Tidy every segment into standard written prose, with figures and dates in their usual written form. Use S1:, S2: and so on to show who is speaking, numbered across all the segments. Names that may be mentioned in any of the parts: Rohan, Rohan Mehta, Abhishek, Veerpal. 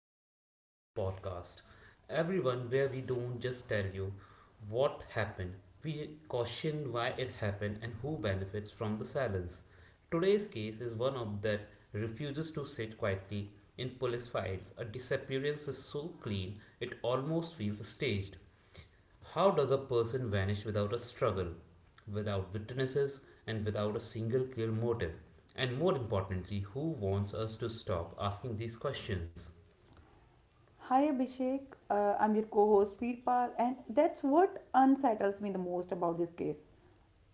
S1: Welcome back to the podcast. Everyone, where we don't just tell you what happened, we caution why it happened and who benefits from the silence. Today's case is one of that refuses to sit quietly in police files. A disappearance is so clean it almost feels staged. How does a person vanish without a struggle, without witnesses, and without a single clear motive? And more importantly, who wants us to stop asking these questions?
S2: Hi Abhishek, I'm your co host Veerpal, and that's what unsettles me the most about this case.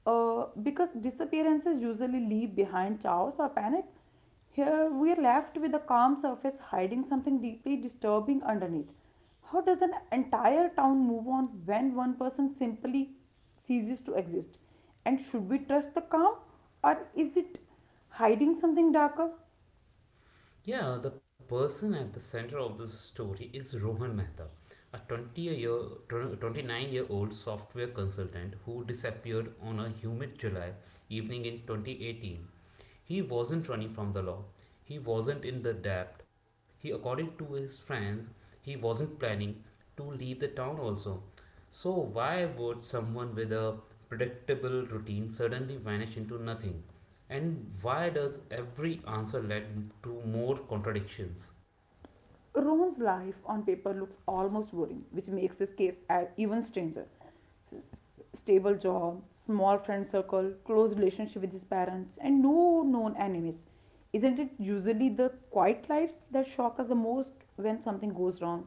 S2: Because disappearances usually leave behind chaos or panic, here we are left with a calm surface hiding something deeply disturbing underneath. How does an entire town move on when one person simply ceases to exist? And should we trust the calm, or is it hiding something darker?
S1: Yeah, the person at the center of this story is Rohan Mehta, a 20 year, 29-year-old software consultant who disappeared on a humid July evening in 2018. He wasn't running from the law, he wasn't in the debt. He, according to his friends, he wasn't planning to leave the town also. So, why would someone with a predictable routine suddenly vanish into nothing? And why does every answer lead to more contradictions?
S2: Rohan's life on paper looks almost boring, which makes this case even stranger. Stable job, small friend circle, close relationship with his parents, and no known enemies. Isn't it usually the quiet lives that shock us the most when something goes wrong?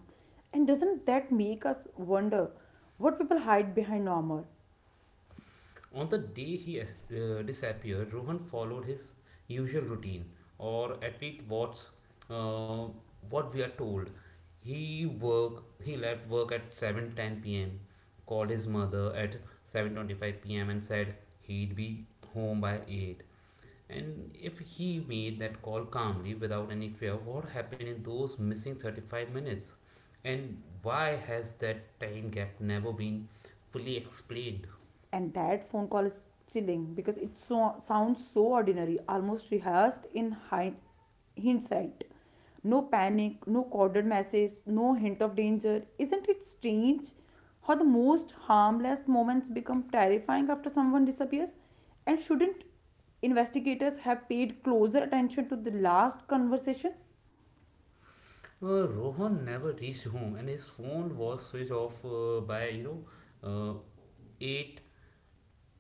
S2: And doesn't that make us wonder what people hide behind normal?
S1: On the day he disappeared, Rohan followed his usual routine, or at least what's uh, what we are told. He left work at 7:10 p.m. called his mother at 7:25 p.m. and said he'd be home by 8. And if he made that call calmly without any fear, what happened in those missing 35 minutes? And why has that time gap never been fully explained?
S2: And that phone call is chilling because it so sounds so ordinary, almost rehearsed in hindsight. No panic, no coded message, no hint of danger. Isn't it strange how the most harmless moments become terrifying after someone disappears? And shouldn't investigators have paid closer attention to the last conversation?
S1: Rohan never reached home and his phone was switched off by, know, uh, 8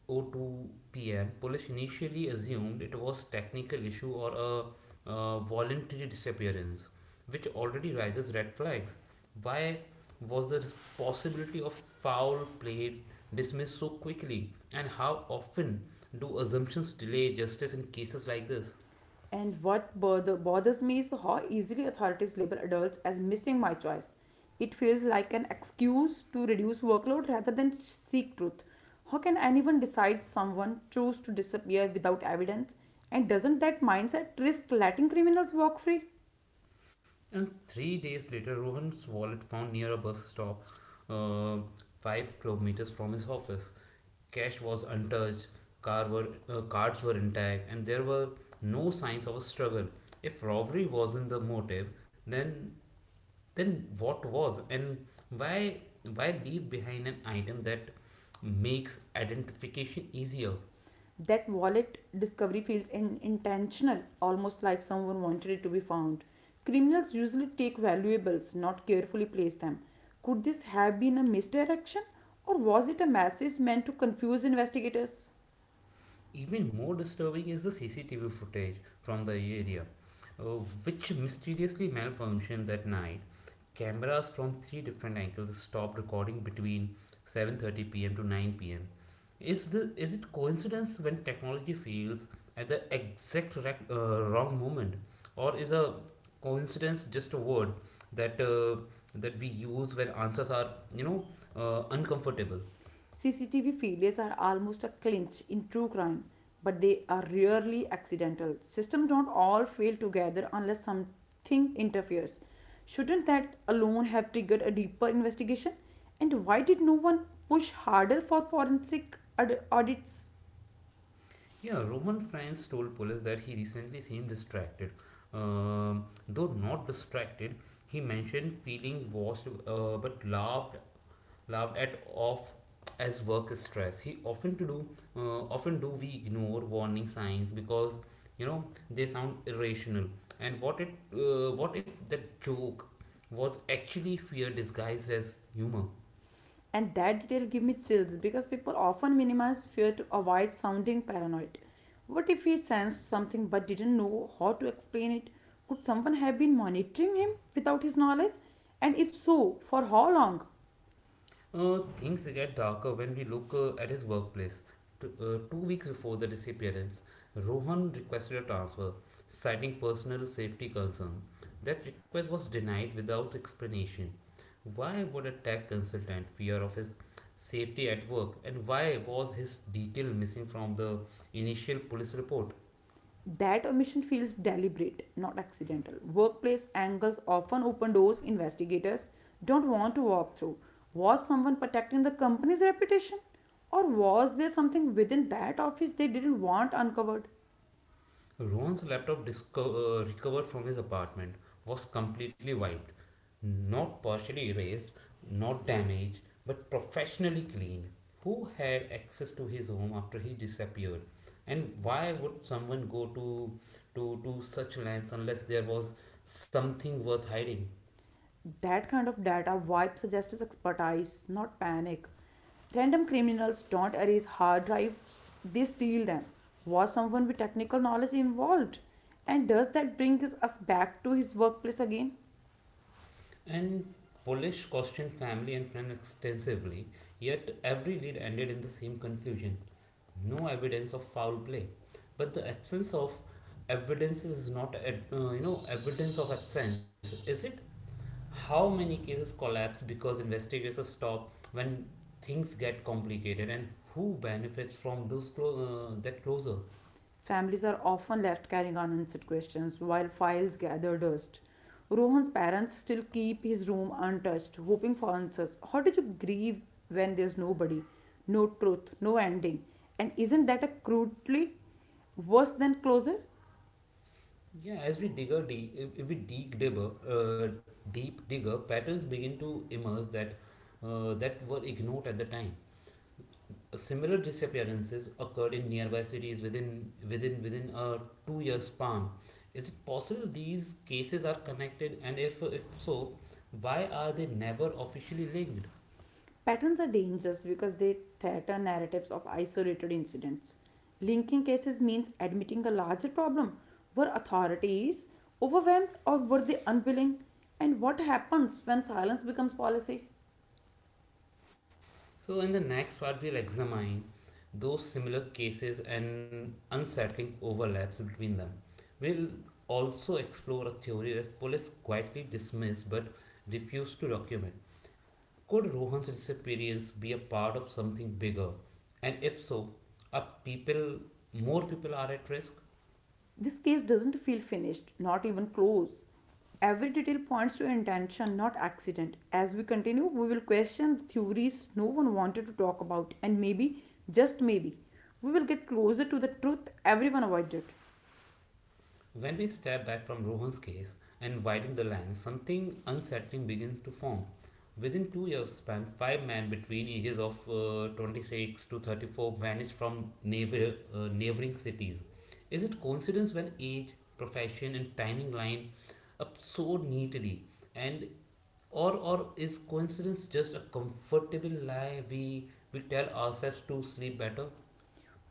S1: oh 02 pm, police initially assumed it was technical issue or a voluntary disappearance, which already raises red flags. Why was the possibility of foul play dismissed so quickly, and how often do assumptions delay justice in cases like this?
S2: And what bothers me is how easily authorities label adults as missing my choice. It feels like an excuse to reduce workload rather than seek truth. How can anyone decide someone chose to disappear without evidence? And doesn't that mindset risk letting criminals walk free?
S1: And 3 days later, Rohan's wallet found near a bus stop, uh, 5 kilometers from his office. Cash was untouched, cards were intact, and there were no signs of a struggle. If robbery wasn't the motive, then then what was? And why why leave behind an item that makes identification easier?
S2: That wallet discovery feels intentional, almost like someone wanted it to be found. Criminals usually take valuables, not carefully place them. Could this have been a misdirection, or was it a message meant to confuse investigators?
S1: Even more disturbing is the CCTV footage from the area, uh, which mysteriously malfunctioned that night. Cameras from three different angles stopped recording between 7:30 p.m. to 9 p.m. Is the is it coincidence when technology fails at the exact wrong moment, or is a coincidence just a word that uh, that we use when answers are you know uncomfortable?
S2: CCTV failures are almost a clinch in true crime, but they are rarely accidental. Systems don't all fail together unless something interferes. Shouldn't that alone have triggered a deeper investigation? And why did no one push harder for forensic audits?
S1: Yeah, Roman Franz told police that he recently seemed distracted. Though not distracted, he mentioned feeling washed but laughed at off as work stress. He often to do often do we ignore warning signs because you know they sound irrational. And what if the joke was actually fear disguised as humor?
S2: And that detail give me chills because people often minimize fear to avoid sounding paranoid. What if he sensed something but didn't know how to explain it? Could someone have been monitoring him without his knowledge? And if so, for how long?
S1: Things get darker when we look at his workplace. 2 weeks before the disappearance, Rohan requested a transfer, citing personal safety concern. That request was denied without explanation. Why would a tech consultant fear of his safety at work, and why was his detail missing from the initial police report?
S2: That omission feels deliberate, not accidental. Workplace angles often open doors investigators don't want to walk through. Was someone protecting the company's reputation? Or was there something within that office they didn't want uncovered?
S1: Ron's laptop recovered from his apartment was completely wiped, not partially erased, not damaged, but professionally cleaned. Who had access to his home after he disappeared? And why would someone go to such lengths unless there was something worth hiding?
S2: That kind of data wipe suggests expertise, not panic. Random criminals don't erase hard drives, they steal them. Was someone with technical knowledge involved? And does that bring us back to his workplace again?
S1: And Polish questioned family and friends extensively, yet every lead ended in the same conclusion no evidence of foul play. But the absence of evidence is not, evidence of absence, is it? How many cases collapse because investigators stop when things get complicated, and who benefits from those that closure?
S2: Families are often left carrying unanswered questions while files gather dust. Rohan's parents still keep his room untouched, hoping for answers. How did you grieve when there's nobody, no truth, no ending? And isn't that a crudely worse than closure?
S1: Yeah, as we dig a deep, if we dig deeper, patterns begin to emerge that were ignored at the time. Similar disappearances occurred in nearby cities within a two-year span. Is it possible these cases are connected, and if so, why are they never officially linked?
S2: Patterns are dangerous because they threaten narratives of isolated incidents. Linking cases means admitting a larger problem. Were authorities overwhelmed, or were they unwilling? And what happens when silence becomes policy?
S1: So, in the next part, we'll examine those similar cases and unsettling overlaps between them. We'll also explore a theory that police quietly dismiss but refuse to document. Could Rohan's disappearance be a part of something bigger? And if so, are people more people are at risk?
S2: This case doesn't feel finished, not even close. Every detail points to intention, not accident. As we continue, we will question the theories no one wanted to talk about, and maybe, just maybe, we will get closer to the truth everyone avoided.
S1: When we step back from Rohan's case and widen the lens, something unsettling begins to form. Within 2 years span, five men between ages of 26 to 34 vanished from neighboring cities. Is it coincidence when age, profession, and timing line up so neatly, and or is coincidence just a comfortable lie we tell ourselves to sleep better?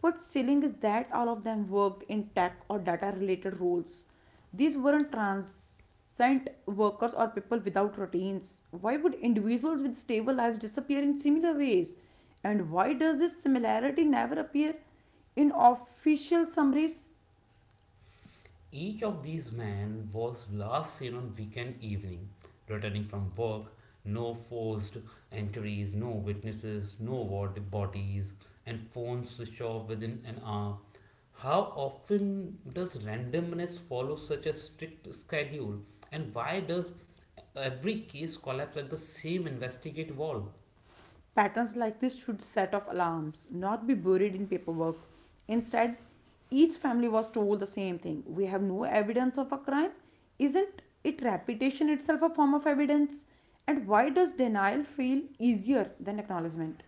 S2: What's chilling is that all of them worked in tech or data related roles. These weren't transient workers or people without routines. Why would individuals with stable lives disappear in similar ways? And why does this similarity never appear in official summaries?
S1: Each of these men was last seen on weekend evening, returning from work. No forced entries, no witnesses, no warrant bodies, and phones switched off within an hour. How often does randomness follow such a strict schedule, and why does every case collapse at the same investigate wall?
S2: Patterns like this should set off alarms, not be buried in paperwork. Instead, each family was told the same thing: we have no evidence of a crime. Isn't it reputation itself a form of evidence? And why does denial feel easier than acknowledgement?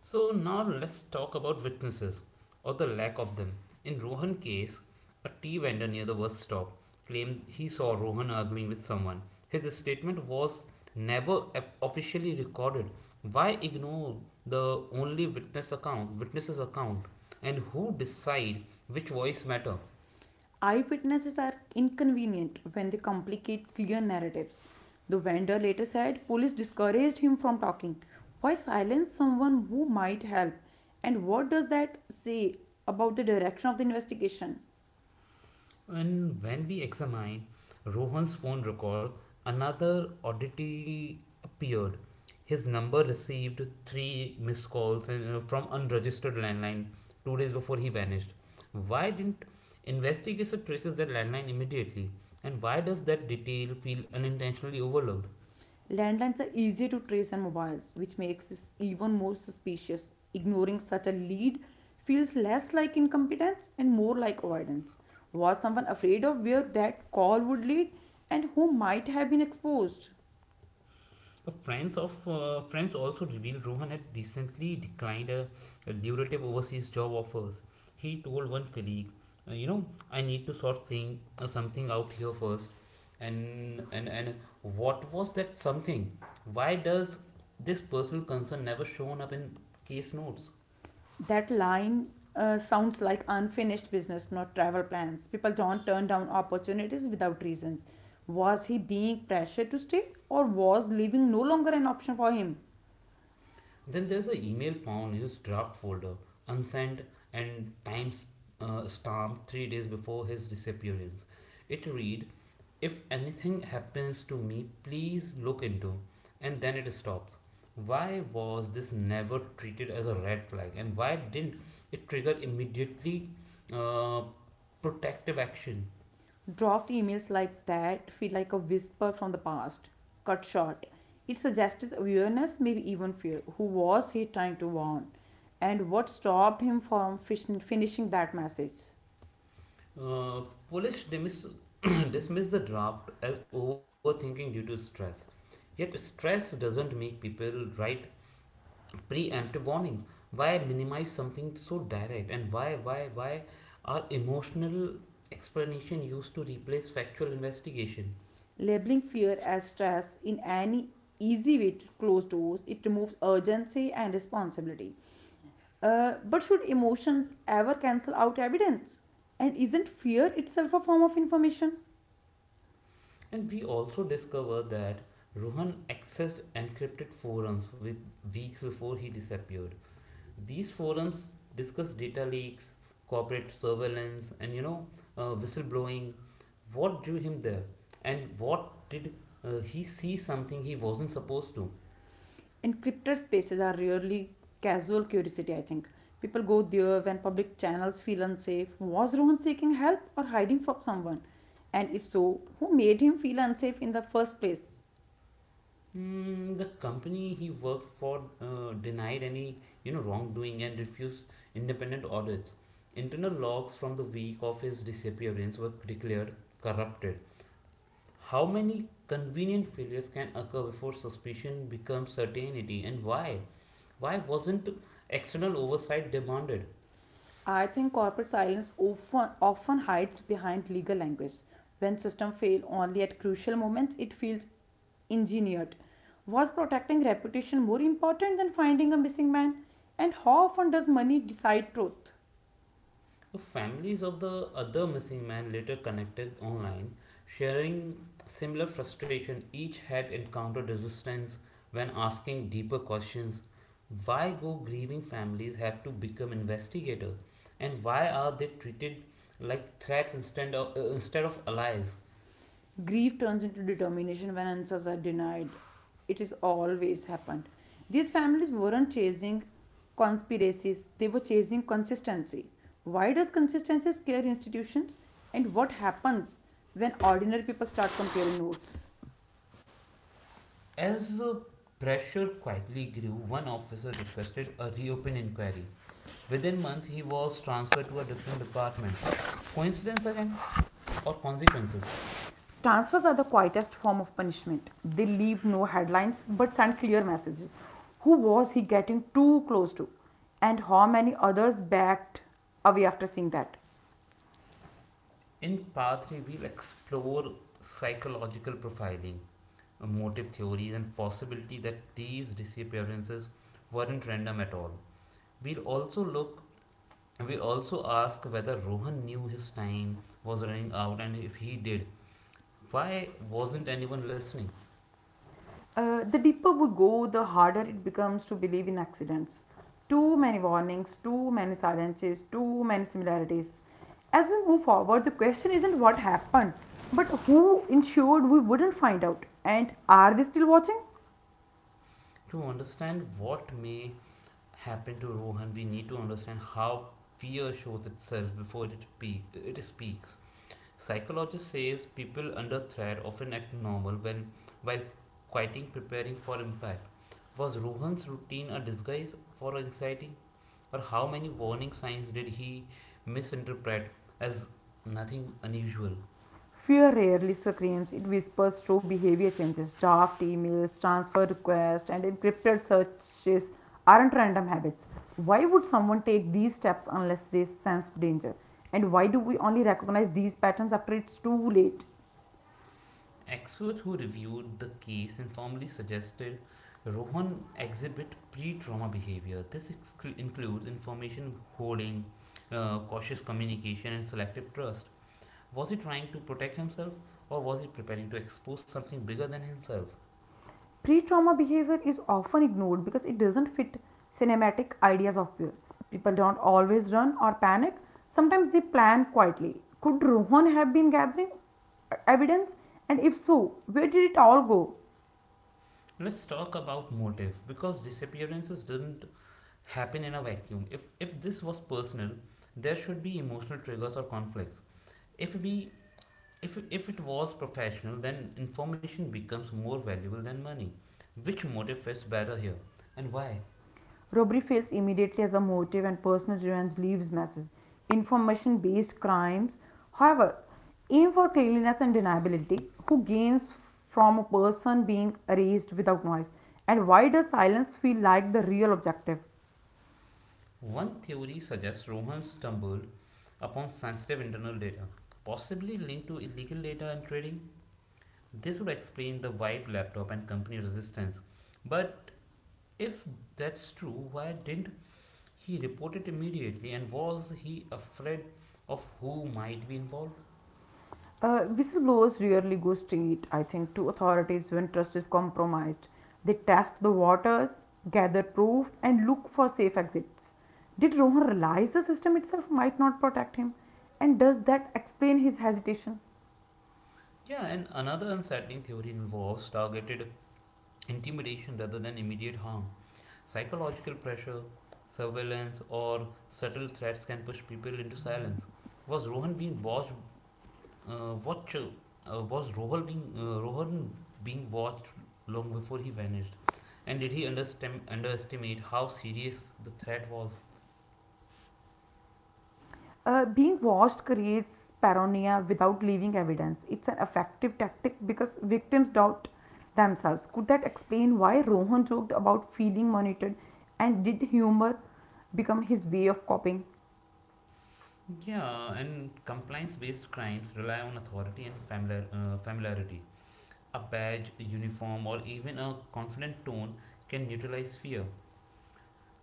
S1: So now let's talk about witnesses or the lack of them. In Rohan case, a tea vendor near the bus stop claimed he saw Rohan arguing with someone. His statement was never officially recorded. Why ignore the witnesses account, and who decide which voice matter?
S2: Eyewitnesses are inconvenient when they complicate clear narratives. The vendor later said police discouraged him from talking. Why silence someone who might help? And what does that say about the direction of the investigation?
S1: And when we examine Rohan's phone record, another oddity appeared. His number received three missed calls from unregistered landline 2 days before he vanished. Why didn't investigators traces that landline immediately? And why does that detail feel unintentionally overlooked?
S2: Landlines are easier to trace than mobiles, which makes this even more suspicious. Ignoring such a lead feels less like incompetence and more like avoidance. Was someone afraid of where that call would lead, and who might have been exposed?
S1: But friends also revealed Rohan had recently declined a lucrative overseas job offers. He told one colleague, "You know, I need to sort thing something out here first." And what was that something? Why does this personal concern never shown up in case notes?
S2: That line sounds like unfinished business, not travel plans. People don't turn down opportunities without reasons. Was he being pressured to stay, or was leaving no longer an option for him?
S1: Then there's an email found in his draft folder, unsent and time stamped 3 days before his disappearance. It read, "If anything happens to me, please look into." And then it stops. Why was this never treated as a red flag, and why didn't it trigger immediately uh, protective action?
S2: Draft emails like that feel like a whisper from the past, cut short. It suggests awareness, maybe even fear. Who was he trying to warn? And what stopped him from finishing that message?
S1: Uh, Polish dismiss the draft as overthinking due to stress. Yet, stress doesn't make people write preemptive warnings. Why minimize something so direct? And why are emotional explanation used to replace factual investigation?
S2: Labeling fear as stress in any easy way to close doors, it removes urgency and responsibility. But should emotions ever cancel out evidence? And isn't fear itself a form of information?
S1: And we also discover that Rohan accessed encrypted forums with weeks before he disappeared. These forums discuss data leaks, corporate surveillance, and whistleblowing. What drew him there, and what did he see something he wasn't supposed to?
S2: Encrypted spaces are really casual curiosity, I think. People go there when public channels feel unsafe. Was Rohan seeking help or hiding from someone? And if so, who made him feel unsafe in the first place?
S1: The company he worked for denied any wrongdoing and refused independent audits. Internal logs from the week of his disappearance were declared corrupted. How many convenient failures can occur before suspicion becomes certainty, and why? Why wasn't external oversight demanded?
S2: I think corporate silence often hides behind legal language. When systems fail only at crucial moments, it feels engineered. Was protecting reputation more important than finding a missing man? And how often does money decide truth?
S1: The families of the other missing man later connected online, sharing similar frustration. Each had encountered resistance when asking deeper questions. Why go grieving families have to become investigators, and why are they treated like threats instead of allies?
S2: Grief turns into determination when answers are denied. It is always happened. These families weren't chasing conspiracies, they were chasing consistency. Why does consistency scare institutions? And what happens when ordinary people start comparing notes?
S1: As the pressure quietly grew, one officer requested a reopen inquiry. Within months, he was transferred to a different department. Coincidence again? Or consequences?
S2: Transfers are the quietest form of punishment. They leave no headlines but send clear messages. Who was he getting too close to? And how many others backed away after seeing that?
S1: In part 3, we'll explore psychological profiling, motive theories, and possibility that these disappearances weren't random at all. We'll also look we also ask whether Rohan knew his time was running out and if he did, why wasn't anyone listening?
S2: The deeper we go, the harder it becomes to believe in accidents. Too many warnings, too many silences, too many similarities. As we move forward, the question isn't what happened, but who ensured we wouldn't find out, and are they still watching?
S1: To understand what may happen to Rohan, we need to understand how fear shows itself before it speaks. Psychologist says people under threat often act normal when while quieting preparing for impact. Was Rohan's routine a disguise for anxiety? Or how many warning signs did he misinterpret as nothing unusual?
S2: Fear rarely screams, it whispers through behavior changes. Draft emails, transfer requests, and encrypted searches aren't random habits. Why would someone take these steps unless they sense danger? And why do we only recognize these patterns after it's too late?
S1: Experts who reviewed the case informally suggested Rohan exhibit pre trauma behavior. This includes information hoarding, cautious communication, and selective trust. Was he trying to protect himself or was he preparing to expose something bigger than himself?
S2: Pre trauma behavior is often ignored because it doesn't fit cinematic ideas of fear. People don't always run or panic, sometimes they plan quietly. Could Rohan have been gathering evidence? And if so, where did it all go?
S1: Let's talk about motive because disappearances didn't happen in a vacuum. If this was personal, there should be emotional triggers or conflicts. If we if it was professional, then information becomes more valuable than money. Which motive fits better here, and why?
S2: Robbery fails immediately as a motive, and personal revenge leaves messes. Information based crimes, however, aim for cleanliness and deniability. Who gains from a person being erased without noise? And why does silence feel like the real objective?
S1: One theory suggests Rohan stumbled upon sensitive internal data, possibly linked to illegal data and trading. This would explain the Vibe laptop and company resistance. But if that's true, why didn't he report it immediately? And was he afraid of who might be involved?
S2: Whistleblowers rarely go straight, I think, to authorities when trust is compromised. They test the waters, gather proof, and look for safe exits. Did Rohan realize the system itself might not protect him? And does that explain his hesitation?
S1: Yeah, and another unsettling theory involves targeted intimidation rather than immediate harm. Psychological pressure, surveillance, or subtle threats can push people into silence. Was Rohan being watched? Watch, was Rohan being watched long before he vanished? And did he underestimate how serious the threat was?
S2: Being watched creates paranoia without leaving evidence. It's an effective tactic because victims doubt themselves. Could that explain why Rohan joked about feeling monitored, and did humor become his way of coping?
S1: Yeah, and compliance-based crimes rely on authority and familiarity. A badge, a uniform, or even a confident tone can neutralize fear.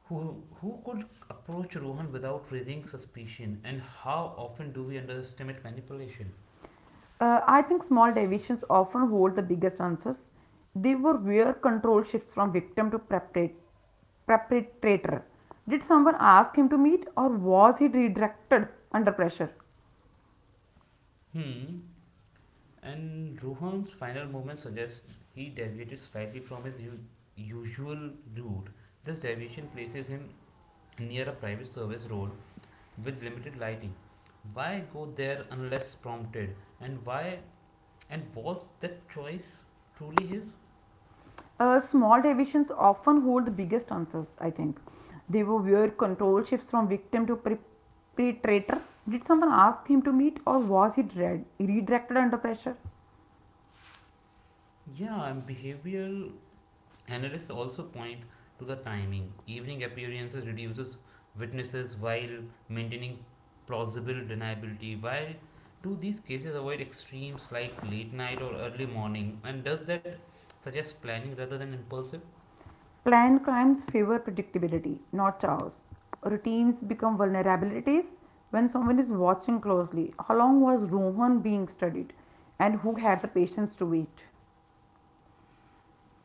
S1: Who could approach Rohan without raising suspicion, and how often do we underestimate manipulation?
S2: I think small deviations often hold the biggest answers. They were where control shifts from victim to perpetrator. Did someone ask him to meet, or was he redirected under pressure?
S1: Hmm. And Rohan's final movement suggests he deviated slightly from his usual route. This deviation places him near a private service road with limited lighting. Why go there unless prompted? And why? And was that choice truly his?
S2: Small deviations often hold the biggest answers, I think. They were where control shifts from victim to perpetrator. Did someone ask him to meet, or was he redirected under pressure?
S1: Yeah, and behavioral analysts also point to the timing. Evening appearances reduces witnesses while maintaining plausible deniability. Why do these cases avoid extremes like late night or early morning? And does that suggest planning rather than impulsive?
S2: Planned crimes favor predictability, not chaos. Routines become vulnerabilities when someone is watching closely. How long was Rohan being studied, and who had the patience to wait?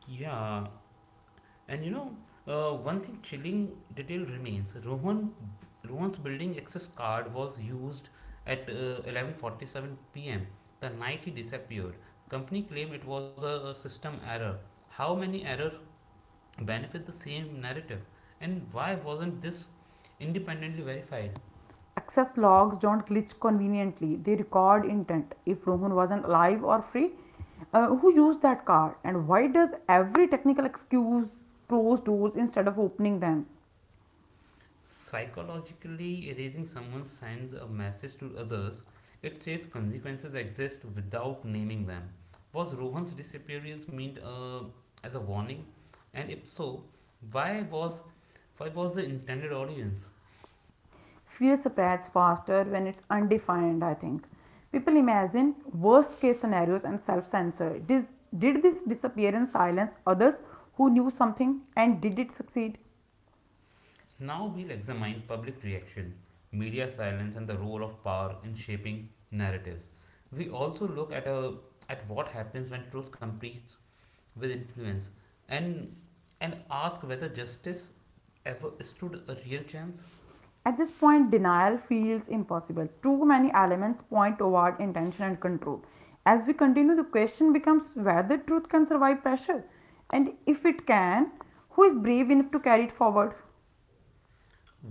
S1: Yeah, and one thing chilling detail remains. Rohan's building access card was used at 11:47 p.m. the night he disappeared. Company claimed it was a system error. How many errors benefit the same narrative, and why wasn't this independently verified?
S2: Access logs don't glitch conveniently, they record intent. If Rohan wasn't alive or free, who used that car, and why does every technical excuse close doors instead of opening them?
S1: Psychologically, erasing someone sends a message to others. It says consequences exist without naming them. Was Rohan's disappearance meant as a warning? And if so, why was why was the intended audience?
S2: Fear spreads faster when it's undefined, I think. People imagine worst case scenarios and self-censor. Did this disappearance silence others who knew something, and did it succeed?
S1: Now we'll examine public reaction, media silence, and the role of power in shaping narratives. We also look at what happens when truth competes with influence, and ask whether justice ever stood a real chance?
S2: At this point, denial feels impossible. Too many elements point toward intention and control. As we continue, the question becomes whether truth can survive pressure, and if it can, who is brave enough to carry it forward?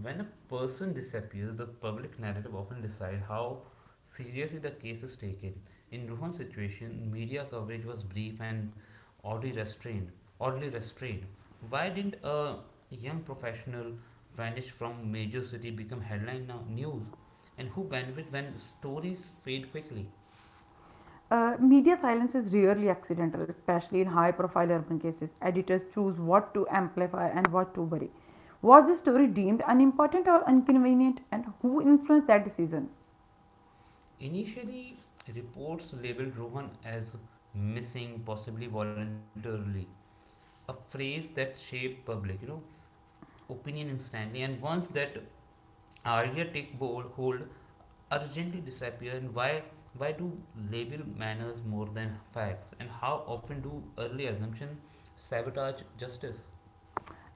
S1: When a person disappears, the public narrative often decides how seriously the case is taken. In Rohan's situation, media coverage was brief and oddly restrained. Oddly restrained. Why didn't a young professional vanish from major city become headline now news? And who benefit when stories fade quickly?
S2: Media silence is rarely accidental, especially in high profile urban cases. Editors choose what to amplify and what to bury. Was the story deemed unimportant or inconvenient, and who influenced that decision?
S1: Initially, reports labeled Rohan as missing, possibly voluntarily. A phrase that shape public, opinion instantly. And once that idea take bold hold, urgently disappear. And why do label manners more than facts? And how often do early assumption sabotage justice?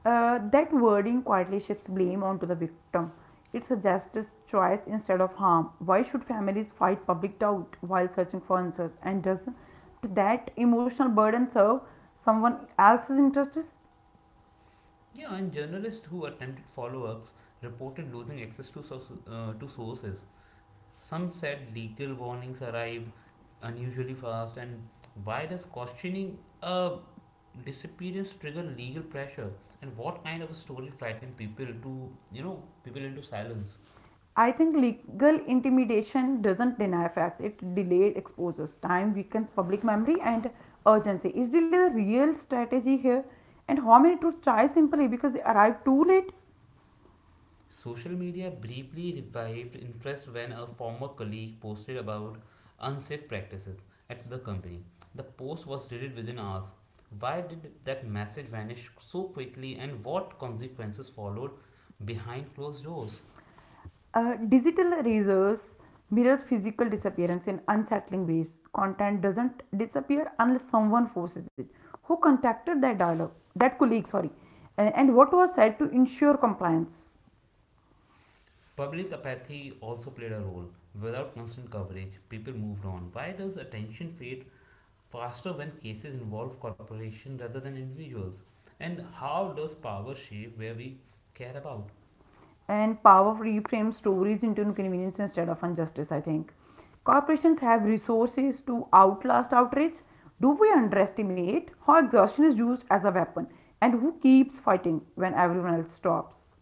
S2: That wording quietly shifts blame onto the victim. It suggests choice instead of harm. Why should families fight public doubt while searching for answers? And does that emotional burden serve someone else's interests?
S1: Yeah, and journalists who attempted follow-ups reported losing access to sources. Some said legal warnings arrived unusually fast, and why does questioning a disappearance trigger legal pressure? And what kind of a story frightened people to, you know, people into silence?
S2: I think legal intimidation doesn't deny facts. It delayed exposes time, weakens public memory, and urgency. Is delay the real strategy here? And how many truths try simply because they arrive too late?
S1: Social media briefly revived interest when a former colleague posted about unsafe practices at the company. The post was deleted within hours. Why did that message vanish so quickly, and what consequences followed behind closed doors?
S2: Digital erasers mirrors physical disappearance in unsettling ways. Content doesn't disappear unless someone forces it. Who contacted that dialogue, that colleague, sorry, and what was said to ensure compliance?
S1: Public apathy also played a role. Without constant coverage, people moved on. Why does attention fade faster when cases involve corporations rather than individuals? And how does power shape where we care about?
S2: And power reframe stories into inconvenience instead of injustice, I think. Corporations have resources to outlast outrage. Do we underestimate how exhaustion is used as a weapon, and who keeps fighting when everyone else stops?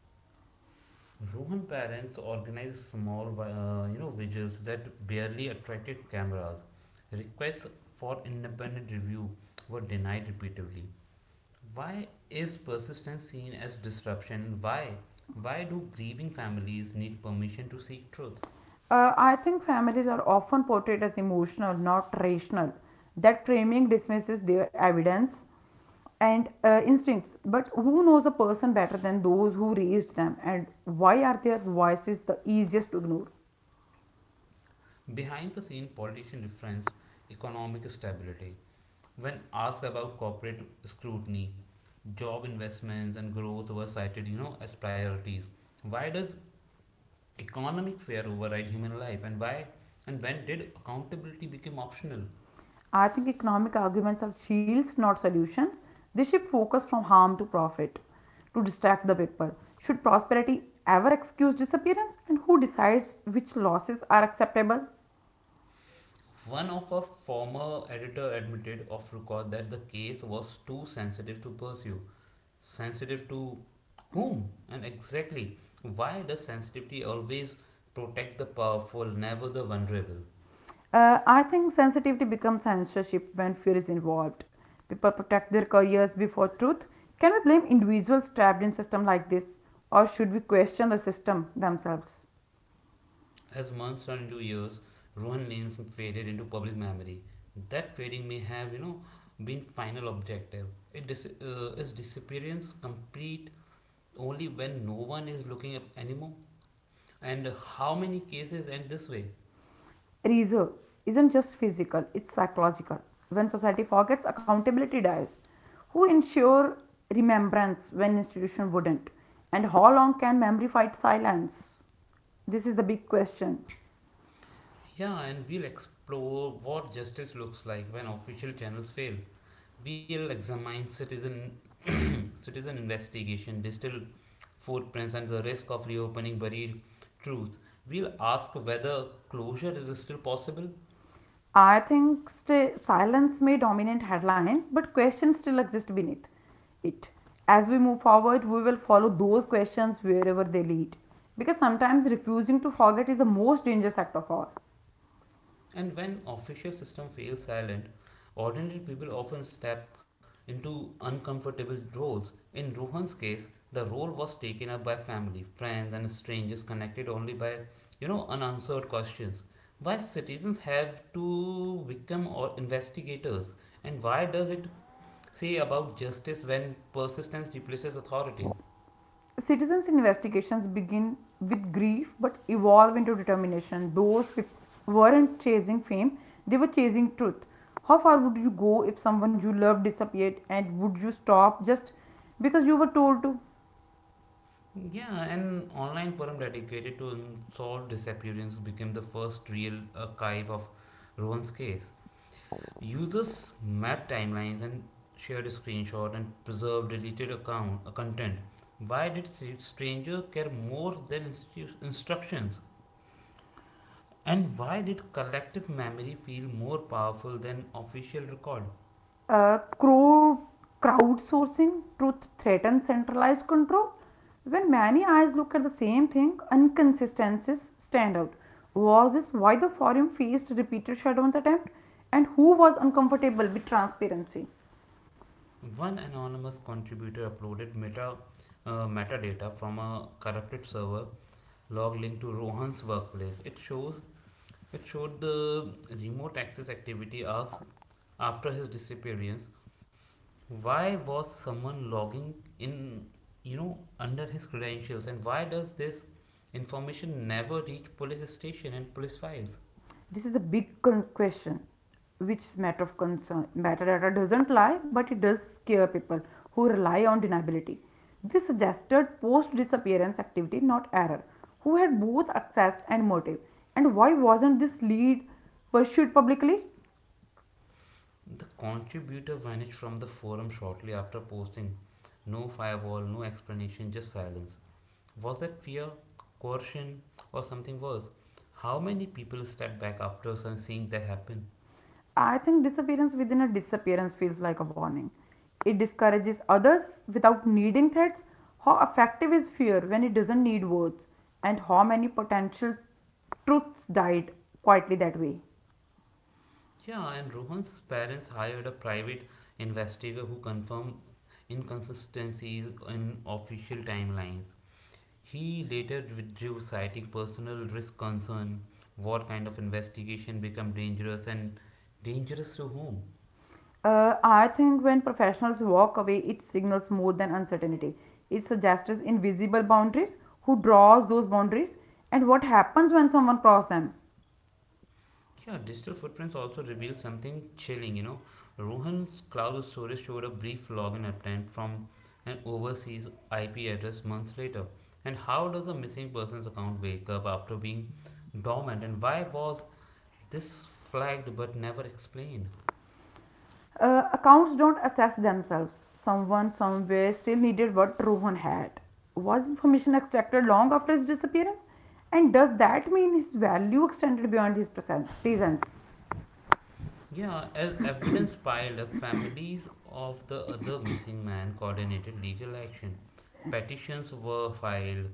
S1: Rohan parents organized vigils that barely attracted cameras. Requests for independent review were denied repeatedly. Why is persistence seen as disruption? Why? Why do grieving families need permission to seek truth?
S2: I think families are often portrayed as emotional, not rational. That framing dismisses their evidence and instincts. But who knows a person better than those who raised them, and why are their voices the easiest to ignore?
S1: Behind the scene, politicians reference economic stability. When asked about corporate scrutiny, job investments and growth were cited, as priorities. Why does economic fear override human life? And why and when did accountability become optional?
S2: I think economic arguments are shields, not solutions. They shift focus from harm to profit to distract the people. Should prosperity ever excuse disappearance? And who decides which losses are acceptable?
S1: One of our former editor admitted off record that the case was too sensitive to pursue. Sensitive to whom? And exactly, why does sensitivity always protect the powerful, never the vulnerable?
S2: I think sensitivity becomes censorship when fear is involved. People protect their careers before truth. Can we blame individuals trapped in a system like this? Or should we question the system themselves?
S1: As months turn into years, Rohan names faded into public memory. That fading may have, been final objective. Is disappearance complete only when no one is looking up anymore? And how many cases end this way?
S2: Reserve isn't just physical, it's psychological. When society forgets, accountability dies. Who ensure remembrance when institution wouldn't? And how long can memory fight silence? This is the big question.
S1: Yeah, and we'll explore what justice looks like when official channels fail. We'll examine citizen citizen investigation, digital footprints, and the risk of reopening buried truth, we'll ask whether closure is still possible.
S2: I think silence may dominate headlines, but questions still exist beneath it. As we move forward, we will follow those questions wherever they lead. Because sometimes refusing to forget is the most dangerous act of all.
S1: And when official system fails silent, ordinary people often step into uncomfortable roles. In Rohan's case, the role was taken up by family, friends and strangers connected only by unanswered questions. Why citizens have to become or investigators and why does it say about justice when persistence replaces authority?
S2: Citizens' investigations begin with grief but evolve into determination. Those people weren't chasing fame, they were chasing truth. How far would you go if someone you love disappeared, and would you stop just because you were told to?
S1: Yeah, an online forum dedicated to unsolved disappearance became the first real archive of Rowan's case. Users mapped timelines and shared screenshots and preserved deleted account content. Why did stranger care more than instructions? And why did collective memory feel more powerful than official record?
S2: Uh, crowd, crowdsourcing truth threatens centralized control. When many eyes look at the same thing, inconsistencies stand out. Was this why the forum faced repeated shutdowns attempt? And who was uncomfortable with transparency?
S1: One anonymous contributor uploaded metadata from a corrupted server log linked to Rohan's workplace. It showed the remote access activity as after his disappearance. Why was someone logging in under his credentials and why does this information never reach police station and police files?
S2: This is a big question, which is matter of concern. Metadata doesn't lie, but it does scare people who rely on deniability. This suggested post disappearance activity, not error. Who had both access and motive, and why wasn't this lead pursued publicly?
S1: The contributor vanished from the forum shortly after posting. No firewall, no explanation, just silence. Was that fear, coercion, or something worse? How many people stepped back after seeing that happen?
S2: I think disappearance within a disappearance feels like a warning. It discourages others without needing threats. How effective is fear when it doesn't need words? And how many potential truths died quietly that way?
S1: Yeah, and Rohan's parents hired a private investigator who confirmed inconsistencies in official timelines. He later withdrew, citing personal risk concern. What kind of investigation become dangerous and dangerous to whom?
S2: I think when professionals walk away, it signals more than uncertainty. It suggests invisible boundaries, who draws those boundaries, and what happens when someone crosses them.
S1: Yeah, digital footprints also reveal something chilling. Rohan's cloud storage showed a brief login attempt from an overseas IP address months later. And how does a missing person's account wake up after being dormant? And why was this flagged but never explained?
S2: Accounts don't assess themselves. Someone somewhere still needed what Rohan had. Was information extracted long after his disappearance? And does that mean his value extended beyond his presence?
S1: Yeah, as evidence piled up, families of the other missing man coordinated legal action. Petitions were filed,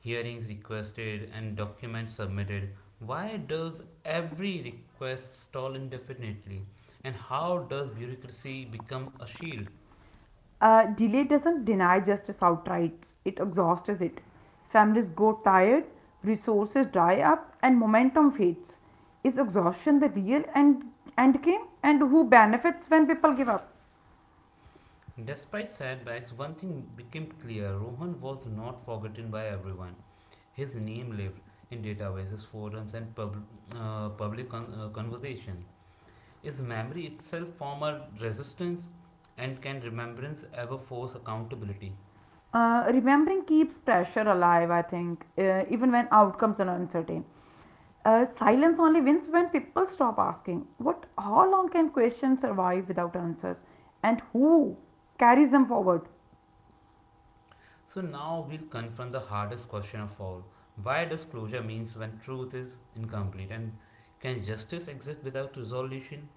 S1: hearings requested and documents submitted. Why does every request stall indefinitely? And how does bureaucracy become a shield?
S2: Delay doesn't deny justice outright, it exhausts it. Families grow tired, resources dry up, and momentum fades. Is exhaustion the real end game? And who benefits when people give up?
S1: Despite setbacks, one thing became clear Rohan was not forgotten by everyone. His name lived in databases, forums, and public conversation. Is memory itself former resistance? And can remembrance ever force accountability?
S2: Remembering keeps pressure alive, I think, even when outcomes are uncertain. Silence only wins when people stop asking. What? How long can questions survive without answers? And who carries them forward?
S1: So now we'll confront the hardest question of all. Why does closure means when truth is incomplete and can justice exist without resolution?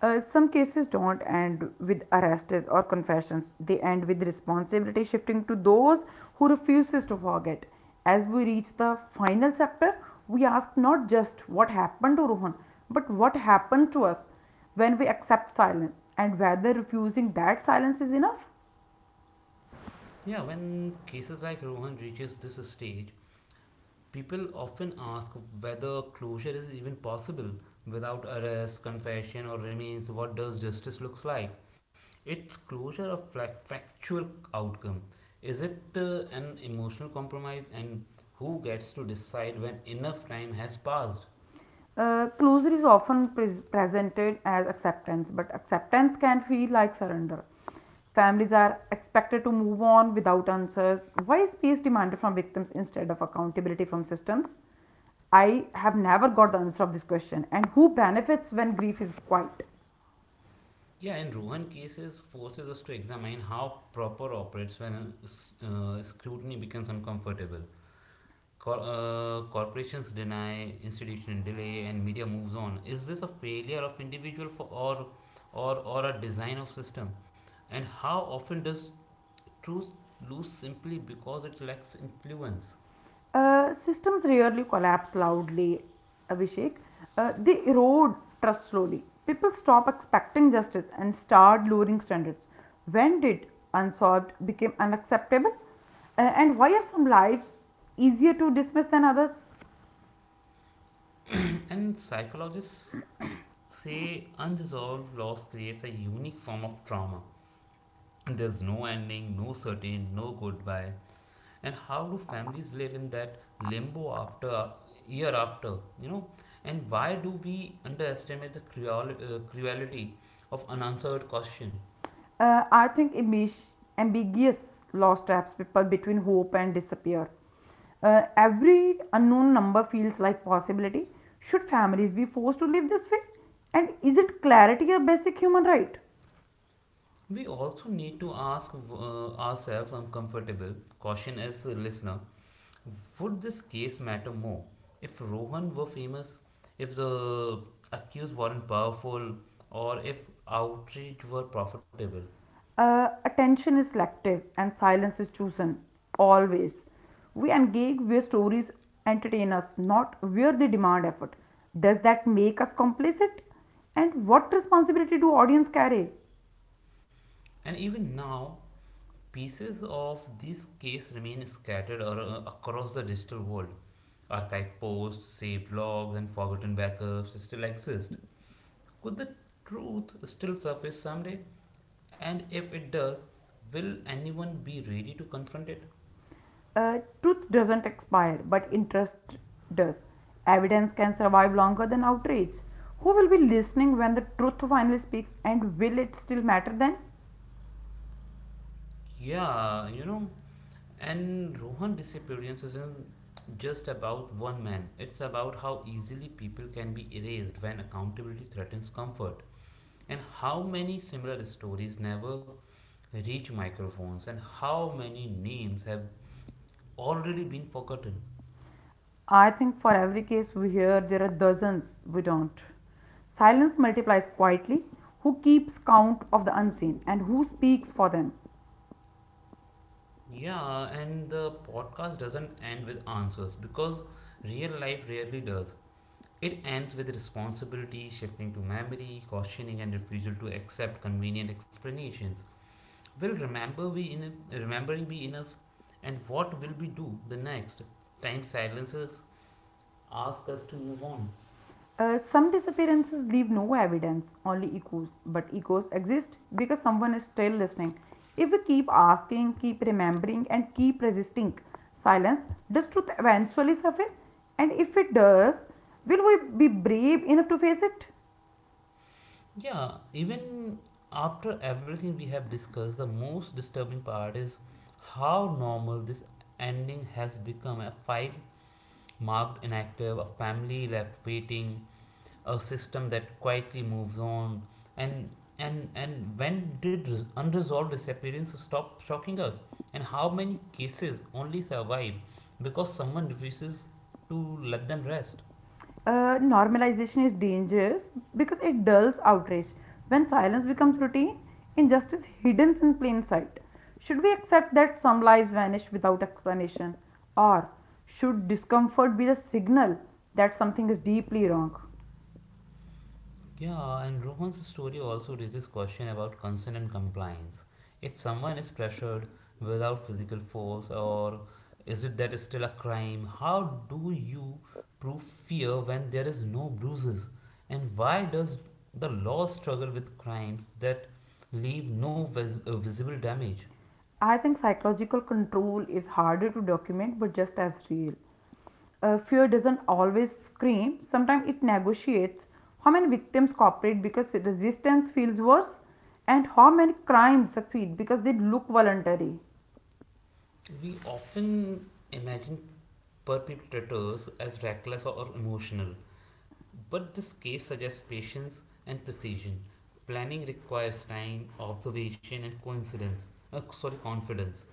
S2: Some cases don't end with arrests or confessions. They end with responsibility shifting to those who refuses to forget. As we reach the final chapter, we ask not just what happened to Rohan, but what happened to us when we accept silence and whether refusing that silence is enough.
S1: Yeah, when cases like Rohan reaches this stage, people often ask whether closure is even possible without arrest, confession or remains what does justice looks like? It's closure of factual outcome. Is it an emotional compromise and who gets to decide when enough time has passed?
S2: Closure is often presented as acceptance, but acceptance can feel like surrender. Families are expected to move on without answers. Why is peace demanded from victims instead of accountability from systems? I have never got the answer of this question. And who benefits when grief is quiet?
S1: Yeah, in Rohan cases forces us to examine how proper operates when scrutiny becomes uncomfortable. Corporations deny, institution delay, and media moves on. Is this a failure of individual for or a design of system? And how often does truth lose simply because it lacks influence?
S2: Systems rarely collapse loudly, Abhishek. They erode trust slowly. People stop expecting justice and start lowering standards. When did unsolved become unacceptable? And why are some lives easier to dismiss than others?
S1: And psychologists say unresolved loss creates a unique form of trauma. There's no ending, no certain, no goodbye and how do families live in that limbo after year after you know and why do we underestimate the cruelty of unanswered question
S2: I think ambiguous loss traps people between hope and disappear. Every unknown number feels like possibility. Should families be forced to live this way? And is it clarity a basic human right?
S1: we also need to ask ourselves uncomfortable question as a listener would this case matter more if rohan were famous if the accused weren't powerful or if outreach were profitable
S2: Attention is selective and silence is chosen. Always. We engage where stories entertain us, not where they demand effort. Does that make us complicit? And what responsibility do audience carry?
S1: and even now pieces of this case remain scattered across the digital world. Archive posts, saved logs, and forgotten backups still exist. Could the truth still surface someday? And if it does, will anyone be ready to confront it?
S2: Truth doesn't expire, but interest does. Evidence can survive longer than outrage. Who will be listening when the truth finally speaks, and will it still matter then?
S1: Yeah, and Rohan disappearance isn't just about one man. It's about how easily people can be erased when accountability threatens comfort, and how many similar stories never reach microphones and how many names have already been forgotten.
S2: I think for every case we hear, there are dozens we don't. Silence multiplies quietly. Who keeps count of the unseen and who speaks for them?
S1: Yeah, and the podcast doesn't end with answers because real life rarely does. It ends with responsibility shifting to memory, cautioning, and refusal to accept convenient explanations. Will remember we in remembering be enough? And what will we do the next? Time silences ask us to move on.
S2: Some disappearances leave no evidence, only echoes. But echoes exist because someone is still listening. If we keep asking, keep remembering, and keep resisting silence, does truth eventually surface? And if it does, will we be brave enough to face it?
S1: Yeah, even after everything we have discussed, the most disturbing part is how normal this ending has become. A file marked inactive, a family left waiting, a system that quietly moves on, and when did unresolved disappearance stop shocking us? And how many cases only survive because someone refuses to let them rest?
S2: Normalization is dangerous because it dulls outrage. When silence becomes routine, injustice hidden in plain sight. Should we accept that some lives vanish without explanation? Or should discomfort be the signal that something is deeply wrong?
S1: Yeah, and Rohan's story also raises question about consent and compliance. If someone is pressured without physical force, or is it that is still a crime? How do you prove fear when there is no bruises? And why does the law struggle with crimes that leave no visible damage?
S2: I think psychological control is harder to document but just as real. Fear doesn't always scream, sometimes it negotiates. How many victims cooperate because resistance feels worse, and how many crimes succeed because they look voluntary?
S1: We often imagine perpetrators as reckless or emotional, but this case suggests patience and precision. Planning requires time, observation, and coincidence. Sorry, confidence.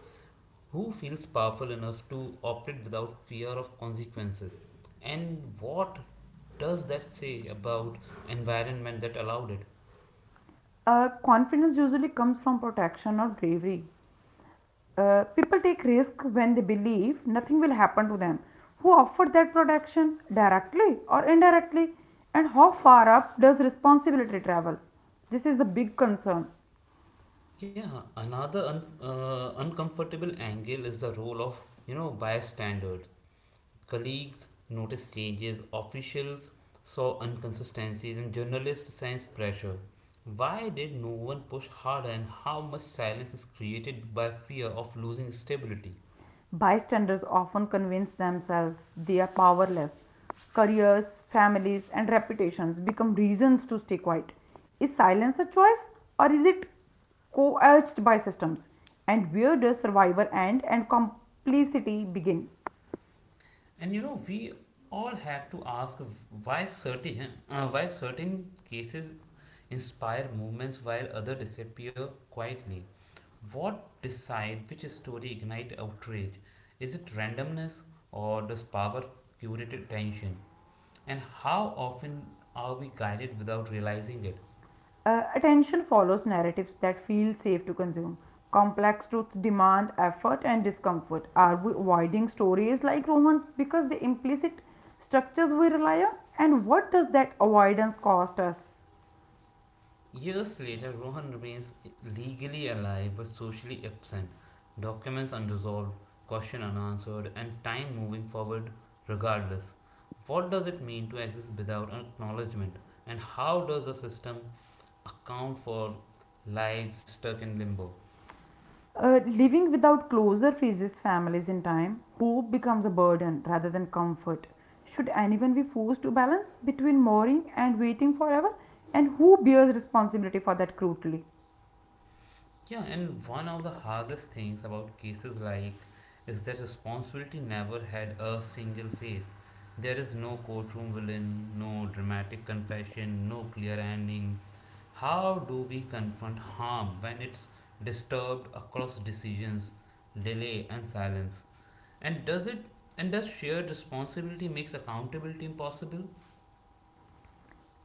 S1: Who feels powerful enough to operate without fear of consequences? And what does that say about environment that allowed it?
S2: Confidence usually comes from protection or bravery. People take risk when they believe nothing will happen to them. Who offered that protection directly or indirectly? And how far up does responsibility travel? This is the big concern.
S1: Yeah, another uncomfortable angle is the role of bystanders. Colleagues noticed changes, officials saw inconsistencies, and journalists sensed pressure. Why did no one push harder, and how much silence is created by fear of losing stability?
S2: Bystanders often convince themselves they are powerless. Careers, families, and reputations become reasons to stay quiet. Is silence a choice, or is it coerced by systems? And where does survival end and complicity begin?
S1: And we all have to ask why certain cases inspire movements while others disappear quietly. What decide which story ignite outrage? Is it randomness or does power curate attention? And how often are we guided without realizing it?
S2: Attention follows narratives that feel safe to consume. Complex truths demand effort and discomfort. Are we avoiding stories like romance because the implicit structures we rely on? And what does that avoidance cost us?
S1: Years later, Rohan remains legally alive but socially absent, documents unresolved, question unanswered, and time moving forward regardless. What does it mean to exist without acknowledgement, and how does the system account for lives stuck in limbo?
S2: Living without closure freezes families in time. Hope becomes a burden rather than comfort. Should anyone be forced to balance between mourning and waiting forever? And who bears responsibility for that cruelty?
S1: Yeah, and one of the hardest things about cases like is that responsibility never had a single face. There is no courtroom villain, no dramatic confession, no clear ending. How do we confront harm when it's disturbed across decisions, delay and silence? And does it and does shared responsibility makes accountability impossible?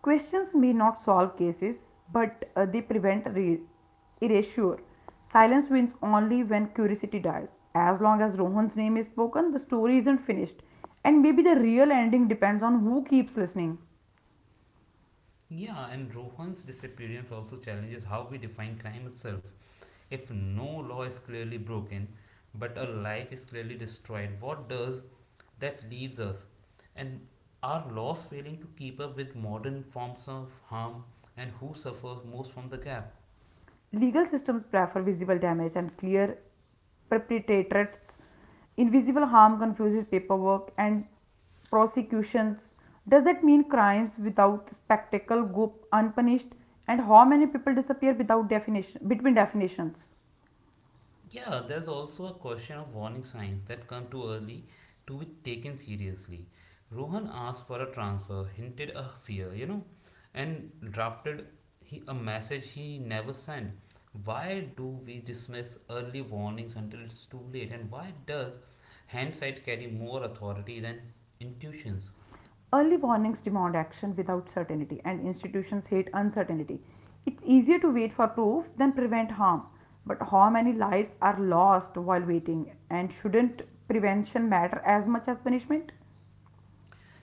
S2: Questions may not solve cases, but they prevent erasure. Silence wins only when curiosity dies. As long as Rohan's name is spoken, the story isn't finished, and maybe the real ending depends on who keeps listening.
S1: Yeah, and Rohan's disappearance also challenges how we define crime itself. If no law is clearly broken, but a life is clearly destroyed, what does that leaves us? And are laws failing to keep up with modern forms of harm, and who suffers most from the gap?
S2: Legal systems prefer visible damage and clear perpetrators. Invisible harm confuses paperwork and prosecutions. Does that mean crimes without spectacle go unpunished? And how many people disappear without definition between definitions?
S1: Yeah, there's also a question of warning signs that come too early to be taken seriously. Rohan asked for a transfer, hinted a fear, and drafted a message he never sent. Why do we dismiss early warnings until it's too late? And why does hindsight carry more authority than intuitions?
S2: Early warnings demand action without certainty, and institutions hate uncertainty. It's easier to wait for proof than prevent harm. But how many lives are lost while waiting? And shouldn't prevention matter as much as punishment?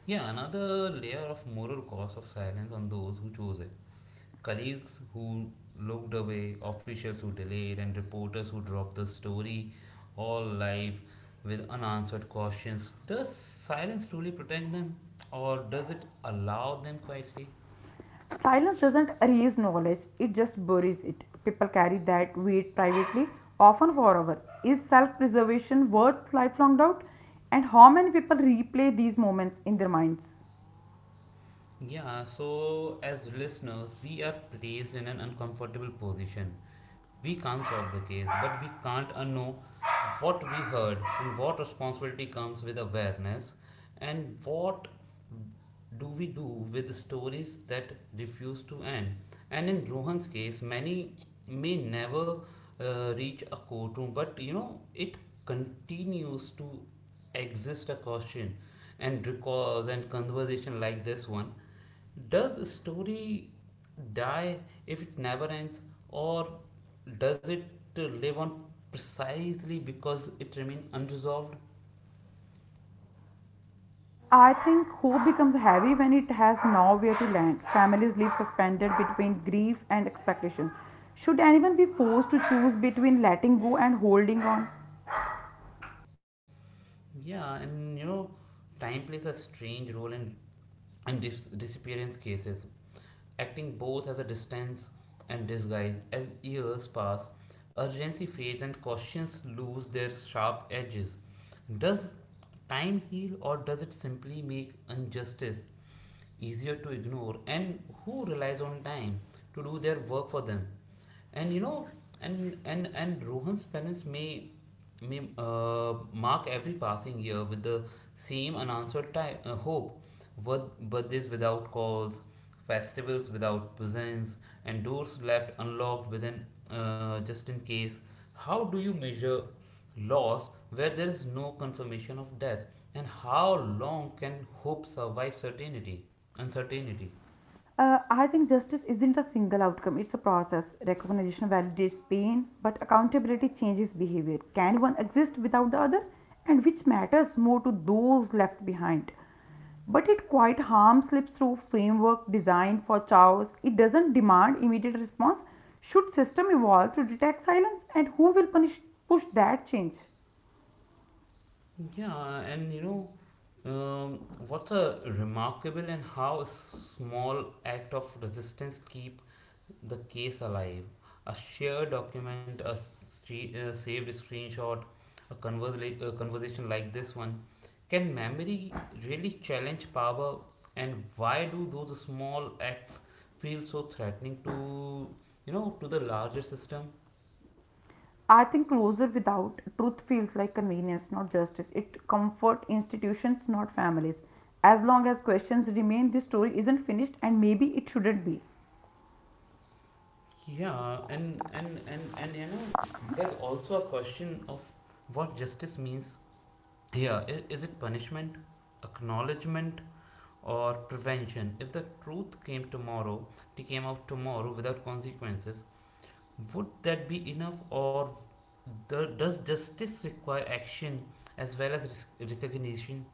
S1: Yeah, another layer of moral cost of silence on those who chose it. Colleagues who looked away, officials who delayed, and reporters who dropped the story all live with unanswered questions. Does silence truly protect them, or does it allow them quietly?
S2: Silence doesn't erase knowledge, it just buries it. People carry that weight privately, often forever. Is self preservation worth lifelong doubt? And how many people replay these moments in their minds?
S1: Yeah, so as listeners, we are placed in an uncomfortable position. We can't solve the case, but we can't unknow what we heard and what responsibility comes with awareness and what do we do with stories that refuse to end. And in Rohan's case, many may never reach a courtroom, but it continues to exist a question, and recalls and conversation like this one does a story die if it never ends or does it live on precisely because it remains unresolved.
S2: I think hope becomes heavy when it has nowhere to land. Families live suspended between grief and expectation. Should anyone be forced to choose between letting go and holding on?
S1: Yeah, and time plays a strange role in disappearance cases, acting both as a distance and disguise. As years pass, urgency fades and questions lose their sharp edges. Does time heal or does it simply make injustice easier to ignore, and who relies on time to do their work for them? And you know and and and rohan's parents may mark every passing year with the same unanswered time, hope. Birthdays without calls, festivals without presents, and doors left unlocked within, just in case. How do you measure loss where there is no confirmation of death, and how long can hope survive certainty uncertainty?
S2: I think justice isn't a single outcome, it's a process. Recognition validates pain, but accountability changes behavior. Can one exist without the other? And which matters more to those left behind? But it quite harm slips through framework designed for chaos. It doesn't demand immediate response. Should system evolve to detect silence and who will punish push that change?
S1: Yeah, and um, what's a remarkable and how a small act of resistance keep the case alive. A shared document, a saved screenshot, a conversation like this one. Can memory really challenge power, and why do those small acts feel so threatening to, to the larger system?
S2: I think closure without truth feels like convenience, not justice. It comfort institutions, not families. As long as questions remain, this story isn't finished, and maybe it shouldn't be.
S1: Yeah, there's also a question of what justice means here. Is it punishment, acknowledgement, or prevention? If the truth came tomorrow, it came out tomorrow without consequences, would that be enough, or does justice require action as well as recognition?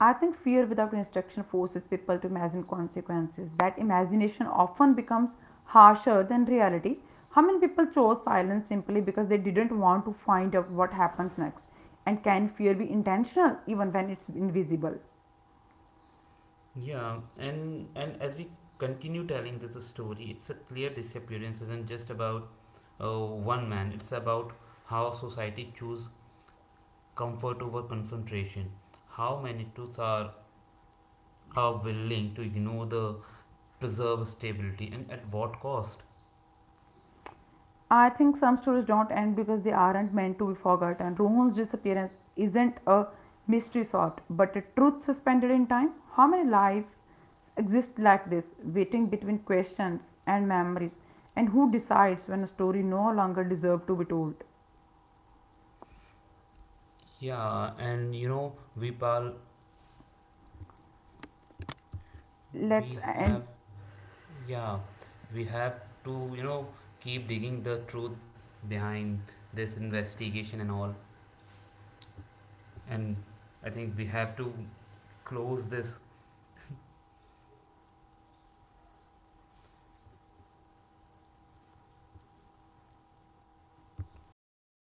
S2: I think fear without instruction forces people to imagine consequences. That imagination often becomes harsher than reality. How many people chose silence simply because they didn't want to find out what happens next? And can fear be intentional even when it's invisible?
S1: Yeah, and as we continue telling this story, it's a clear disappearance isn't just about uh, one man. It's about how society choose comfort over concentration. How many truths are willing to ignore the preserve stability and at what cost? Yeah, and you know, Vipal, we have yeah, we have to, you know, keep digging the truth behind this investigation and all. And I think we have to close this uh,